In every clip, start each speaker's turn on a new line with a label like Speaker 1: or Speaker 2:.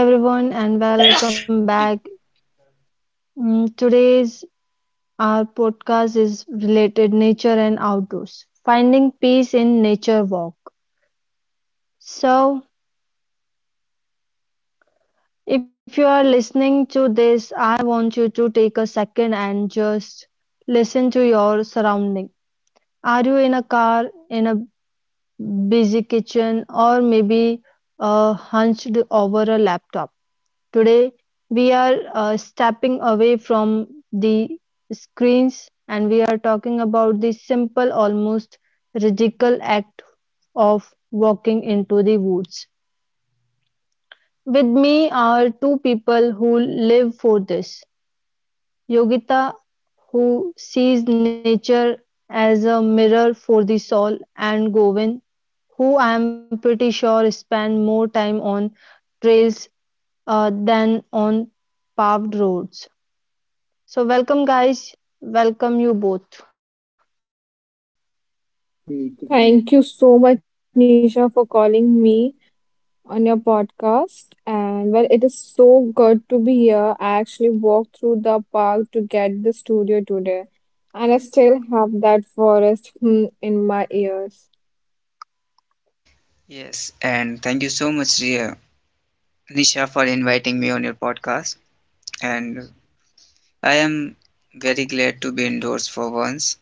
Speaker 1: Hello, everyone, and welcome
Speaker 2: Sorry.
Speaker 1: back. Today's our podcast is related nature and outdoors, finding peace in nature walk. So, if you are listening to this, I want you to take a second and just listen to your surrounding. Are you in a car, in a busy kitchen, or maybe hunched over a laptop? Today, we are stepping away from the screens and we are talking about the simple, almost radical act of walking into the woods. With me are two people who live for this Yogita, who sees nature as a mirror for the soul, and Govind, who I am pretty sure spend more time on trails than on paved roads. So, welcome, guys. Welcome, you both.
Speaker 3: Thank you so much, Nisha, for calling me on your podcast. And well, it is so good to be here. I actually walked through the park to get the studio today, and I still have that forest in my ears.
Speaker 2: Yes, and thank you so much, Nisha, for inviting me on your podcast. And I am very glad to be indoors for once.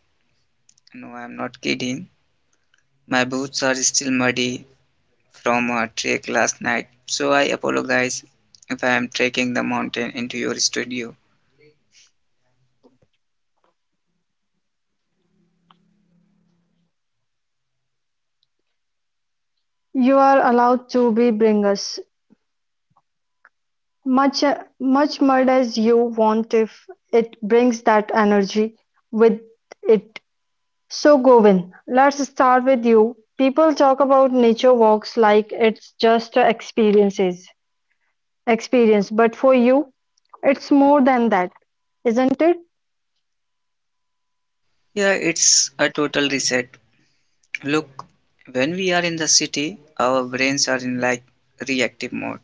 Speaker 2: No, I'm not kidding. My boots are still muddy from a trek last night, so I apologize if I am trekking the mountain into your studio.
Speaker 1: You are allowed to be bringers. Much, much as you want if it brings that energy with it. So, Govin, let's start with you. People talk about nature walks like it's experience, but for you, it's more than that, isn't it?
Speaker 2: Yeah, it's a total reset. Look, when we are in the city, our brains are in like reactive mode.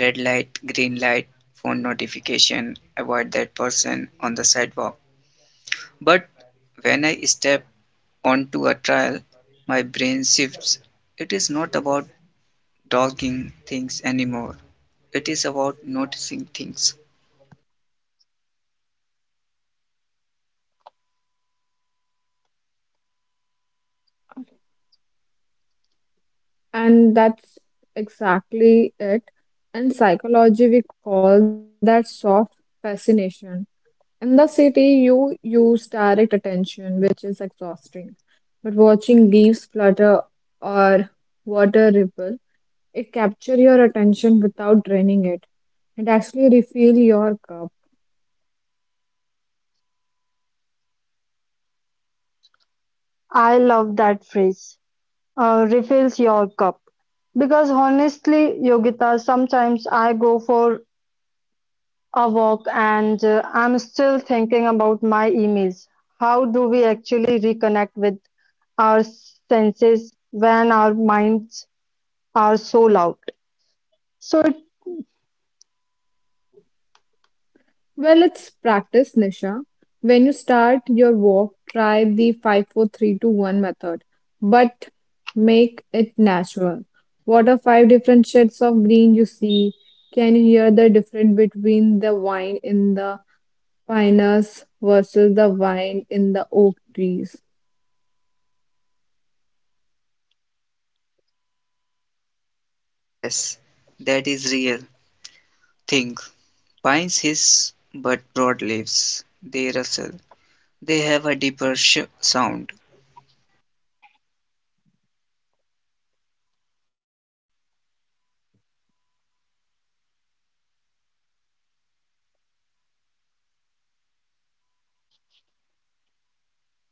Speaker 2: Red light, green light, phone notification, avoid that person on the sidewalk. But when I step onto a trail, my brain shifts. It is not about dogging things anymore. It is about noticing things.
Speaker 3: And that's exactly it. In psychology, we call that soft fascination. In the city, you use direct attention, which is exhausting. But watching leaves flutter or water ripple, it captures your attention without draining it. It actually refill your cup.
Speaker 1: I love that phrase. Refills your cup. Because honestly, Yogita, sometimes I go for a walk and I'm still thinking about my emails. How do we actually reconnect with our senses when our minds are so loud? So it,
Speaker 3: Well, it's practice, Nisha. When you start your walk, try the five, four, three, two, one method, but make it natural. What are five different shades of green you see? Can you hear the difference between the wine in the Pinus versus the vine in the oak trees?
Speaker 2: Yes, that is real. Think. Pines hiss, but broadleaves, they rustle. They have a deeper sh- sound.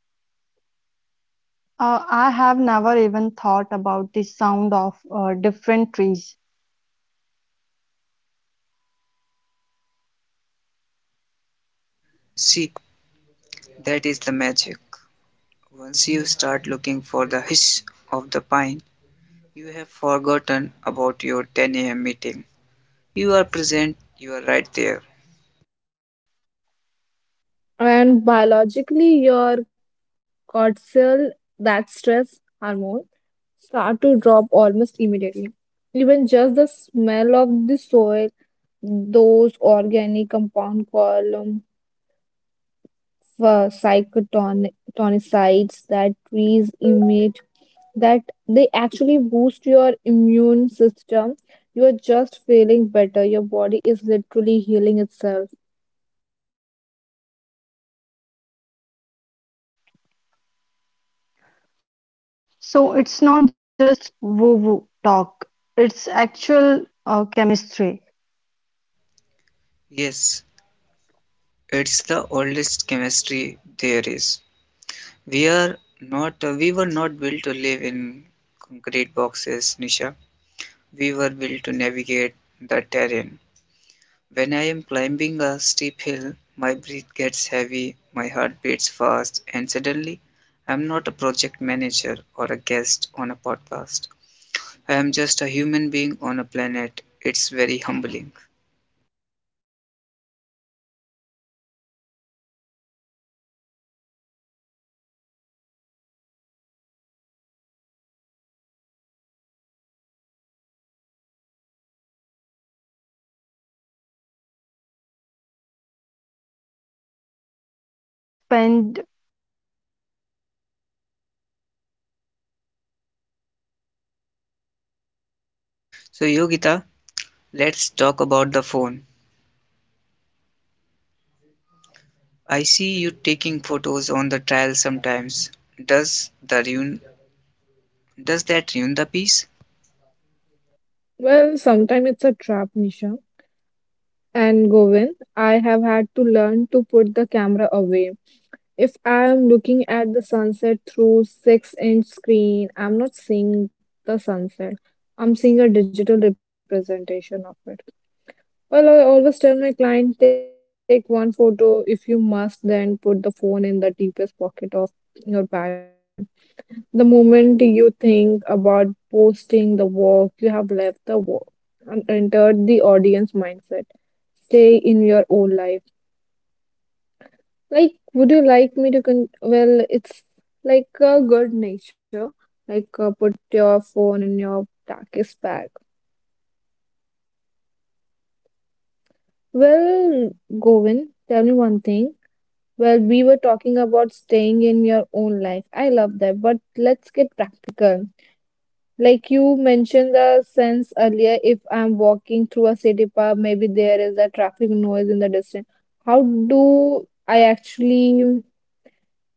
Speaker 1: I have never even thought about the sound of different trees.
Speaker 2: See, that is the magic. Once you start looking for the hiss of the pine, you have forgotten about your 10 a.m. meeting. You are present, you are right there.
Speaker 3: And biologically, your cortisol, that stress hormone, start to drop almost immediately. Even just the smell of the soil, those organic compound column for psychotonicides that trees emit, that they actually boost your immune system. You are just feeling better. Your body is literally healing itself.
Speaker 1: So it's not just woo woo talk, it's actual chemistry.
Speaker 2: Yes, it's the oldest chemistry there is. We were not built to live in concrete boxes, Nisha. We were built to navigate the terrain. When I am climbing a steep hill, my breath gets heavy, my heart beats fast, and suddenly I'm not a project manager or a guest on a podcast. I am just a human being on a planet. It's very humbling.
Speaker 1: Humbling, and peaceful. I think we are all starving for a bit of that humility lately. And key themes to expand the conversation.
Speaker 2: So,
Speaker 1: So
Speaker 2: Yogita,
Speaker 1: let's move forward
Speaker 2: let's
Speaker 1: to
Speaker 2: talk about the
Speaker 1: the
Speaker 2: phone.
Speaker 1: next.
Speaker 2: I see you taking photos on the trail sometimes. Does the ruin does that ruin the piece?
Speaker 3: Well, sometimes it's a trap, Nisha. And Govind, I have had to learn to put the camera away. If I am looking at the sunset through six-inch screen, I'm not seeing the sunset. I'm seeing a digital representation of it. Well, I always tell my client, take one photo. If you must, then put the phone in the deepest pocket of your bag. The moment you think about posting the work, you have left the work and entered the audience mindset. Stay in your own life. Like, would you like me to con? Well, it's like a good nature. Like, put your phone in your darkest bag. Well,
Speaker 1: Let's move
Speaker 3: Govin,
Speaker 1: forward
Speaker 3: tell
Speaker 1: to
Speaker 3: me one
Speaker 1: the.
Speaker 3: thing. Well, we were talking about staying in your own life. I love that, but let's get practical. Like you mentioned the sense earlier, if I'm walking through a city park, maybe there is a traffic noise in the distance. How do I actually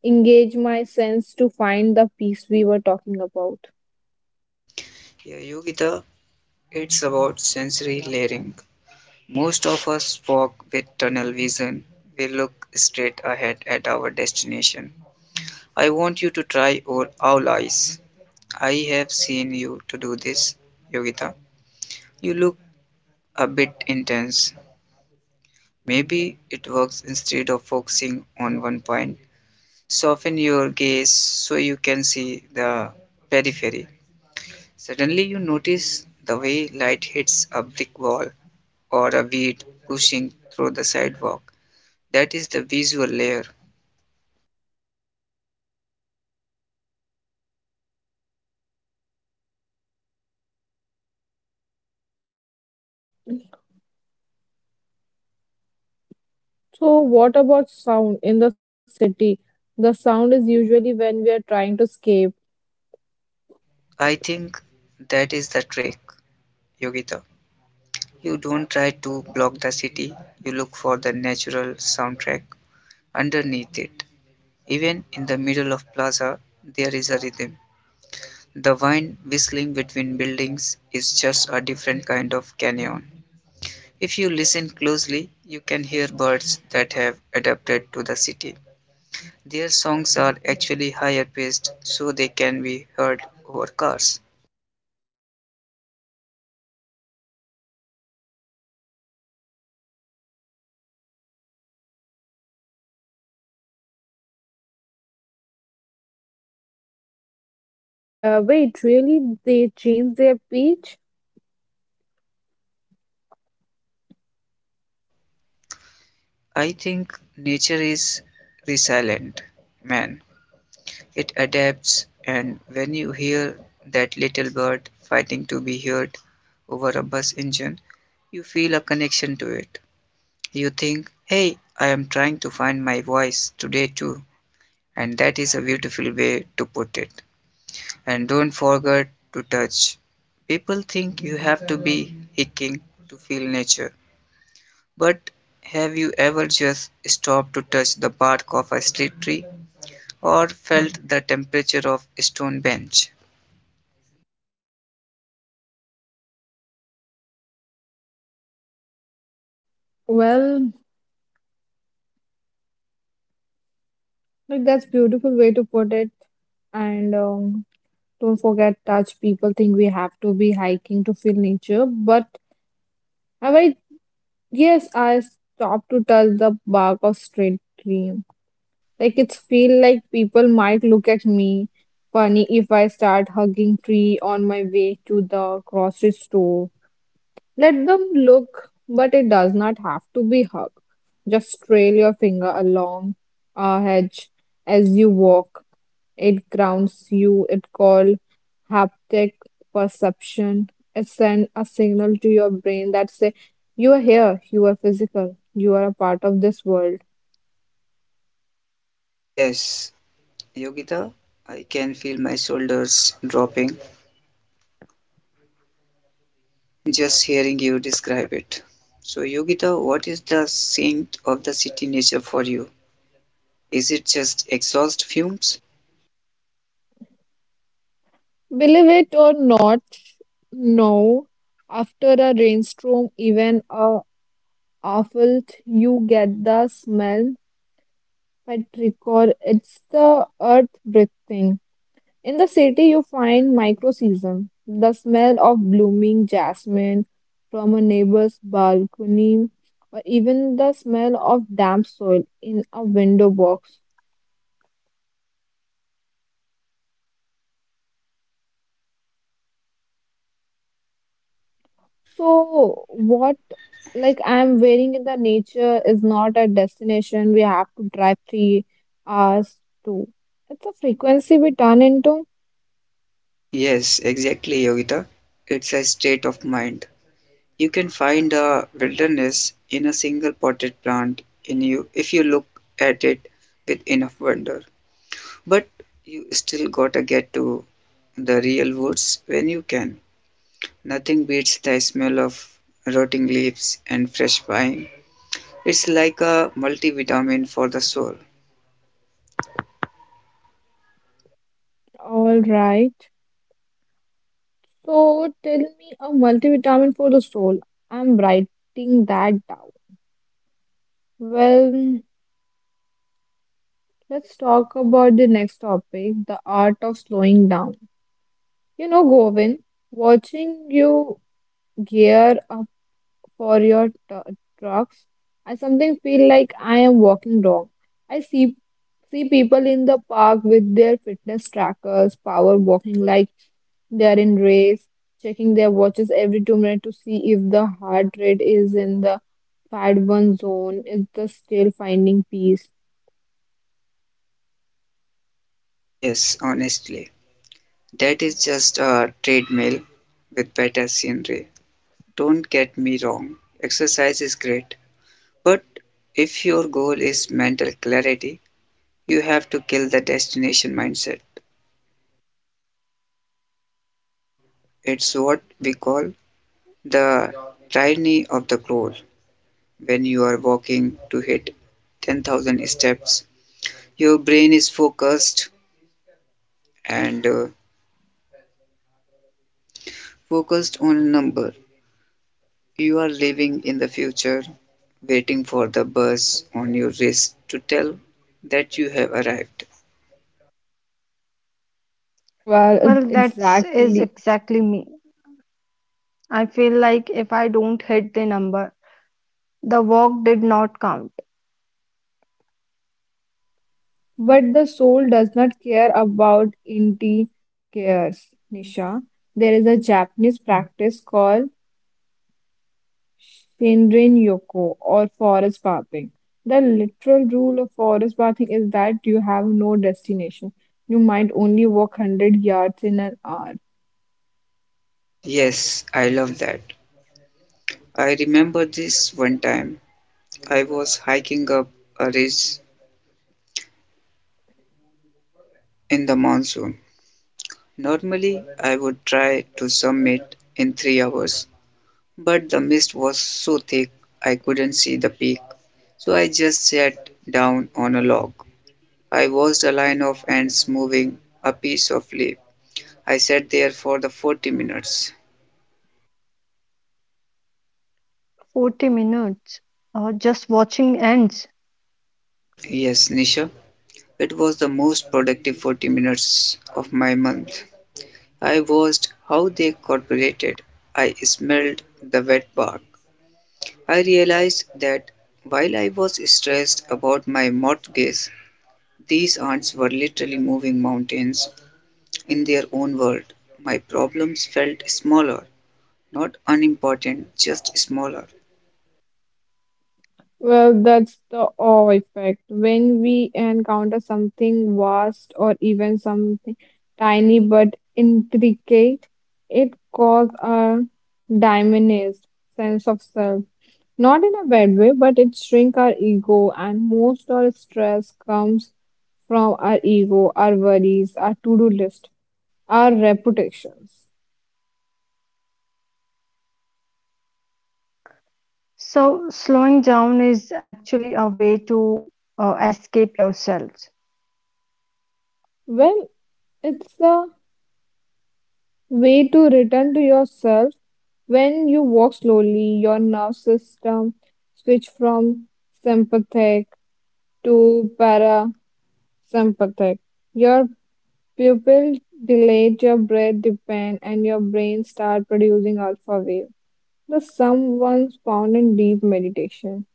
Speaker 3: engage my sense to find the peace we were talking about?
Speaker 2: Yeah, Yogita, it's about sensory layering. Most of us walk with tunnel vision. We look straight ahead at our destination. I want you to try all owl eyes. I have seen you to do this, Yogita. You look a bit intense. Maybe it works instead of focusing on one point. Soften your gaze so you can see the periphery. Suddenly, you notice the way light hits a brick wall or a weed pushing through the sidewalk. That is the visual layer.
Speaker 3: So, what about sound in the city? The sound is usually when we are trying to escape.
Speaker 2: I think that is the trick, Yogita. You don't try to block the city, you look for the natural soundtrack underneath it. Even in the middle of plaza, there is a rhythm. The wind whistling between buildings is just a different kind of canyon. If you listen closely, you can hear birds that have adapted to the city. Their songs are actually higher pitched so they can be heard over cars.
Speaker 1: Wait, really? They changed their pitch?
Speaker 3: Wait, really? They change their pitch?
Speaker 2: I think nature is resilient, man. It adapts, and when you hear that little bird fighting to be heard over a bus engine, you feel a connection to it. You think, hey, I am trying to find my voice today too. And that is a beautiful way to put it. And don't forget to touch. People think you have to be hiking to feel nature. But have you ever just stopped to touch the bark of a street tree or felt the temperature of a stone bench?
Speaker 3: Well, like that's beautiful way to put it. And don't forget touch. People think we have to be hiking to feel nature, but have I yes, I stopped to touch the bark of straight tree. Like it's feel like people might look at me funny if I start hugging tree on my way to the grocery store. Let them look, but it does not have to be hug. Just trail your finger along a hedge as you walk. It grounds you. It called haptic perception. It sends a signal to your brain that say you are here, you are physical, you are a part of this world.
Speaker 2: Yes, Yogita, I can feel my shoulders dropping. Just hearing you describe it. So, Yogita, what is the scent of the city nature for you? Is it just exhaust fumes?
Speaker 3: Believe it or not, no. After a rainstorm, even a awful, you get the smell. But record, it's the earth breathing. In the city, you find microseason, the smell of blooming jasmine from a neighbor's balcony, or even the smell of damp soil in a window box. So, what like I'm wearing in the nature is not a destination we have to drive 3 hours to. It's a frequency we turn into.
Speaker 2: Yes, exactly, Yogita. It's a state of mind. You can find a wilderness in a single potted plant in you if you look at it with enough wonder. But you still gotta get to the real woods when you can. Nothing beats the smell of rotting leaves and fresh pine. It's like a multivitamin for the soul.
Speaker 3: All right. So, tell me a multivitamin for the soul. I'm writing that down. Well, let's talk about the next topic, the art of slowing down. You know, Govin, watching you gear up for your trucks, I sometimes feel like I am walking wrong. I see people in the park with their fitness trackers, power walking like they are in race, checking their watches every 2 minutes to see if the heart rate is in the fad one zone, is the still finding peace.
Speaker 2: Yes, honestly. That is just a treadmill with better scenery. Don't get me wrong, exercise is great, but if your goal is mental clarity, you have to kill the destination mindset. It's what we call the tyranny of the goal. When you are walking to hit 10,000 steps, your brain is and uh, focused on a number. You are living in the future, waiting for the buzz on your wrist to tell that you have arrived.
Speaker 3: Well,
Speaker 1: Well,
Speaker 3: it's
Speaker 1: that's is
Speaker 3: exactly.
Speaker 1: exactly me. I feel like if I don't hit the number, the walk did not count.
Speaker 3: But the soul does not care about inti cares, Nisha. There is a Japanese practice called Shinrin Yoko or forest bathing. The literal rule of forest bathing is that you have no destination. You might only walk 100 yards in an hour.
Speaker 2: Yes, I love that. I remember this one time. I was hiking up a ridge in the monsoon. Normally, I would try to summit in 3 hours, but the mist was so thick I couldn't see the peak. So I just sat down on a log. I watched a line of ants moving a piece of leaf. I sat there for the 40 minutes.
Speaker 1: 40 minutes or just watching ends.
Speaker 2: Yes, Nisha, it was the most productive 40 minutes of my month. I watched how they cooperated. I smelled the wet bark. I realized that while I was stressed about my mortgage, these ants were literally moving mountains in their own world. My problems felt smaller, not unimportant, just smaller.
Speaker 3: Well, that's the awe effect. When we encounter something vast or even something tiny but intricate, it causes a diminished sense of self. Not in a bad way, but it shrinks our ego, and most of our stress comes from our ego, our worries, our to-do list, our reputations.
Speaker 1: So slowing down is actually a way to escape yourselves.
Speaker 3: Well, it's a way to return to yourself. When you walk slowly, your nervous system switch from sympathetic to parasympathetic. Your pupil dilate, your breath deepen, and your brain start producing alpha wave. The sum once found in deep meditation.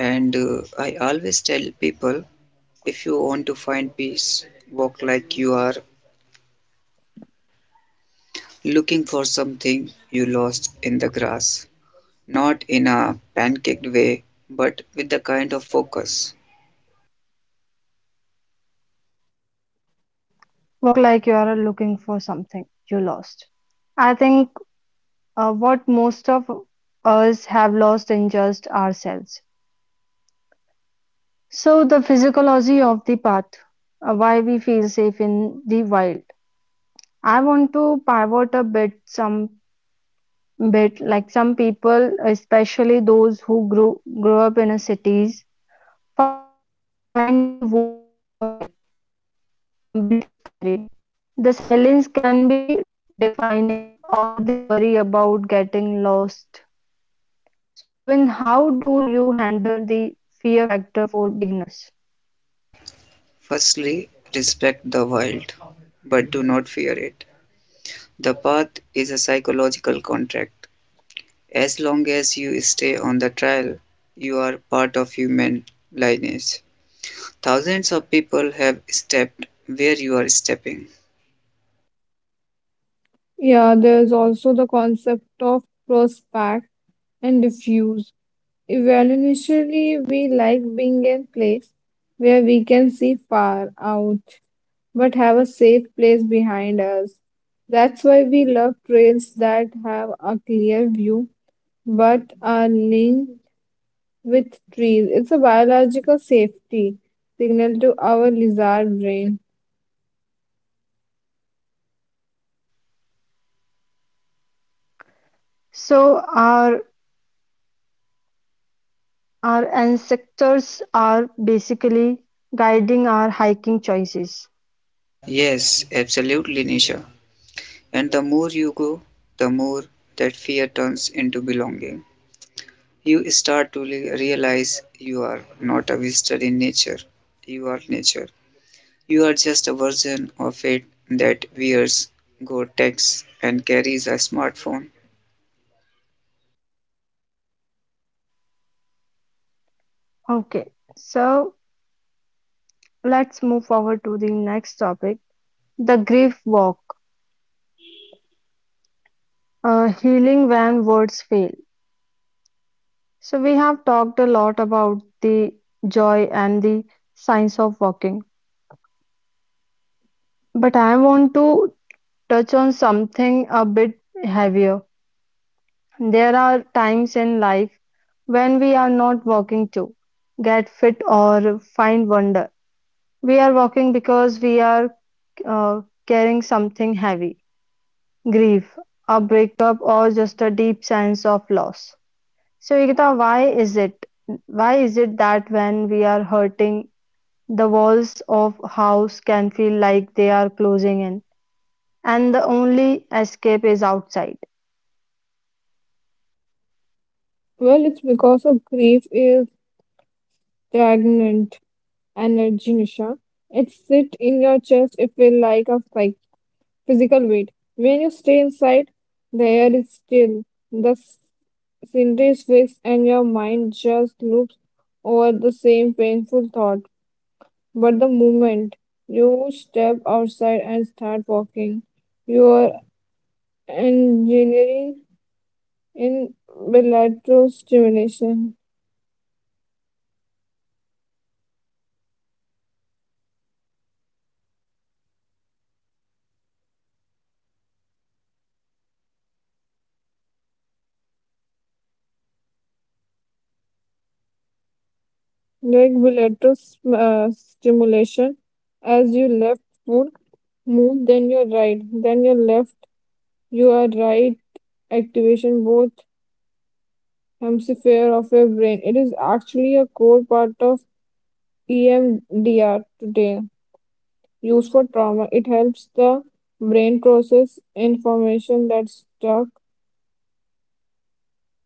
Speaker 2: And I always tell people, if you want to find peace, walk like you are looking for something you lost in the grass. Not in a pancaked way, but with the kind of focus.
Speaker 1: Walk like you are looking for something you I think what most of us have lost in just ourselves. So the physiology of the path, why we feel safe in the wild I want to pivot a bit, some bit like some people, especially those who grew up in a cities, find the woods a bit scary. The silence can be defining, or they worry about getting lost. So, Govind, how do you handle the fear factor for beginners?
Speaker 2: Firstly, respect the wild, but do not fear it. The path is a psychological contract. As long as you stay on the trail, you are part of human lineage. Thousands of people have stepped where you are stepping.
Speaker 3: Yeah, there is also the concept of prospect and diffuse. Evolutionarily, we like being in place where we can see far out but have a safe place behind us. That's why we love trails that have a clear view but are linked with trees. It's a biological safety signal to our lizard brain.
Speaker 1: So, our ancestors are basically guiding our hiking choices.
Speaker 2: Yes, absolutely, Nisha. And the more you go, the more that fear turns into belonging. You start to realize you are not a visitor in nature. You are just a version of it that wears Gore-Tex and carries a smartphone.
Speaker 1: Okay, so. Let's move forward to the next topic, the grief walk, healing when words fail. So, we have talked a lot about the joy and the signs of walking, but I want to touch on something a bit heavier. There are times in life when we are not walking to get fit or find wonder. We are walking because we are carrying something heavy. Grief, a breakup, or just a deep sense of loss. So, Yogita, why is it? Why is it that when we are hurting, the walls of house can feel like they are closing in, and the only escape is outside?
Speaker 3: Well, it's because of grief is stagnant energy, Nisha. It sits in your chest, it feels like a like physical weight. When you stay inside, the air is still, the scenery's fixed and your mind just loops over the same painful thought. But the moment you step outside and start walking, you are engineering in bilateral stimulation,
Speaker 1: Bilateral, what?
Speaker 3: like stimulation as you left foot move, then your right, then your left, you are right activation both hemisphere of your brain. It is actually a core part of EMDR today. Used for trauma, it helps the brain process information that's stuck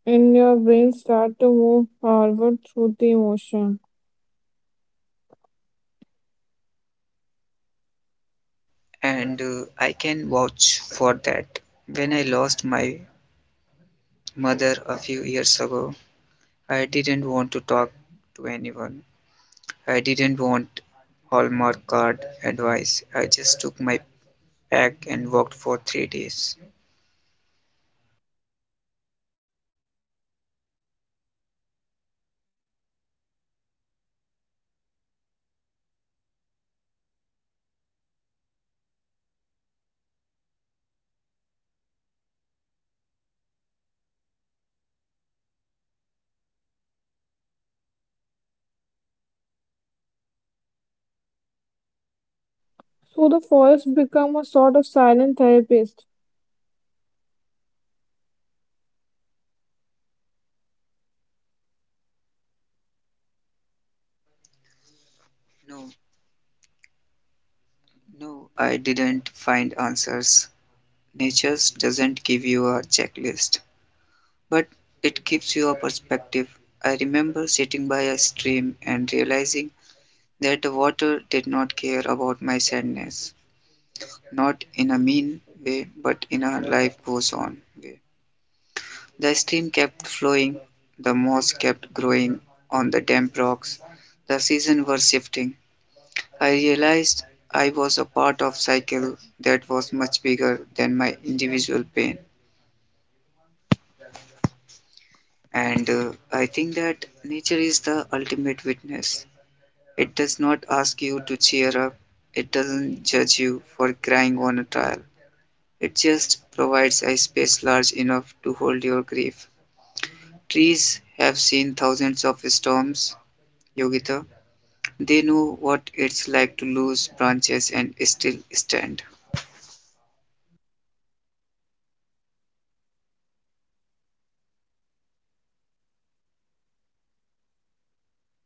Speaker 3: in your brain start to move forward through the emotion.
Speaker 2: And I can vouch for that. When I lost my mother a few years ago, I didn't want to talk to anyone. I didn't want Hallmark card advice. I just took my packed and walked for 3 days.
Speaker 1: 3 days. Did you find the answers you were looking for?
Speaker 3: So the forest become a sort of silent therapist.
Speaker 2: No, no, I didn't find answers. Nature doesn't give you a checklist, but it gives you a perspective. I remember sitting by a stream and realizing that the water did not care about my sadness, not in a mean way, but in a life goes on way. The stream kept flowing, the moss kept growing on the damp rocks, the seasons were shifting, I realized I was a part of cycle that was much bigger than my individual pain. And I think that nature is the ultimate witness. It does not ask you to cheer up. It doesn't judge you for crying on a trial. It just provides a space large enough to hold your grief. Trees have seen thousands of storms, Yogita. They know what it's like to lose branches and still stand.
Speaker 1: So the forest become a sort of silent therapist.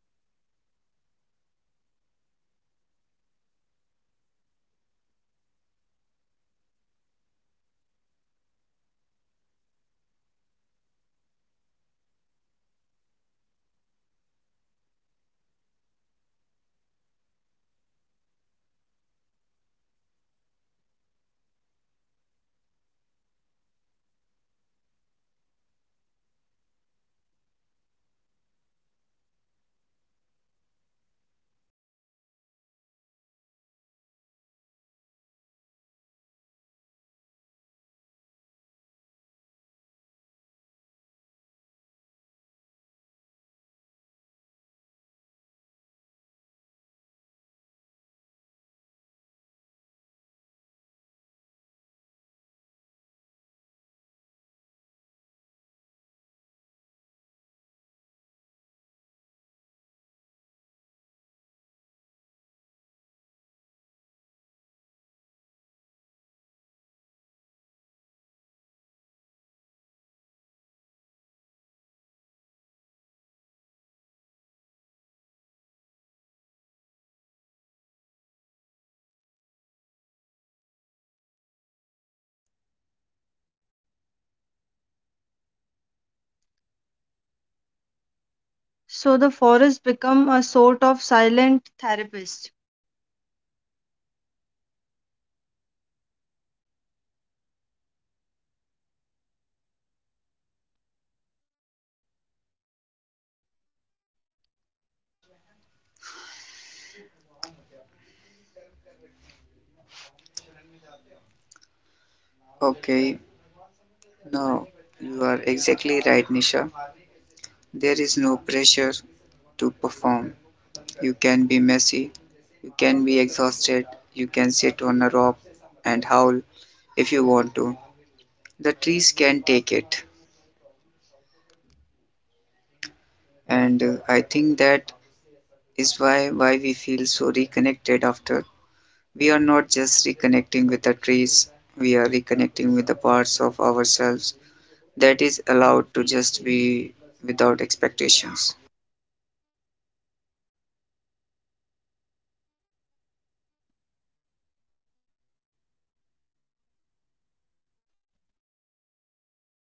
Speaker 1: So the forest become a sort of silent therapist. So the forest become a sort of silent therapist. So the forest become a sort of silent therapist.
Speaker 2: Okay, no, you are exactly right, Nisha. There is no pressure to perform. You can be messy, you can be exhausted, you can sit on a rock and howl if you want to. The trees can take it. And I think that is why we feel so reconnected after. We are not just reconnecting with the trees, we are reconnecting with the parts of ourselves that is allowed to just be without expectations.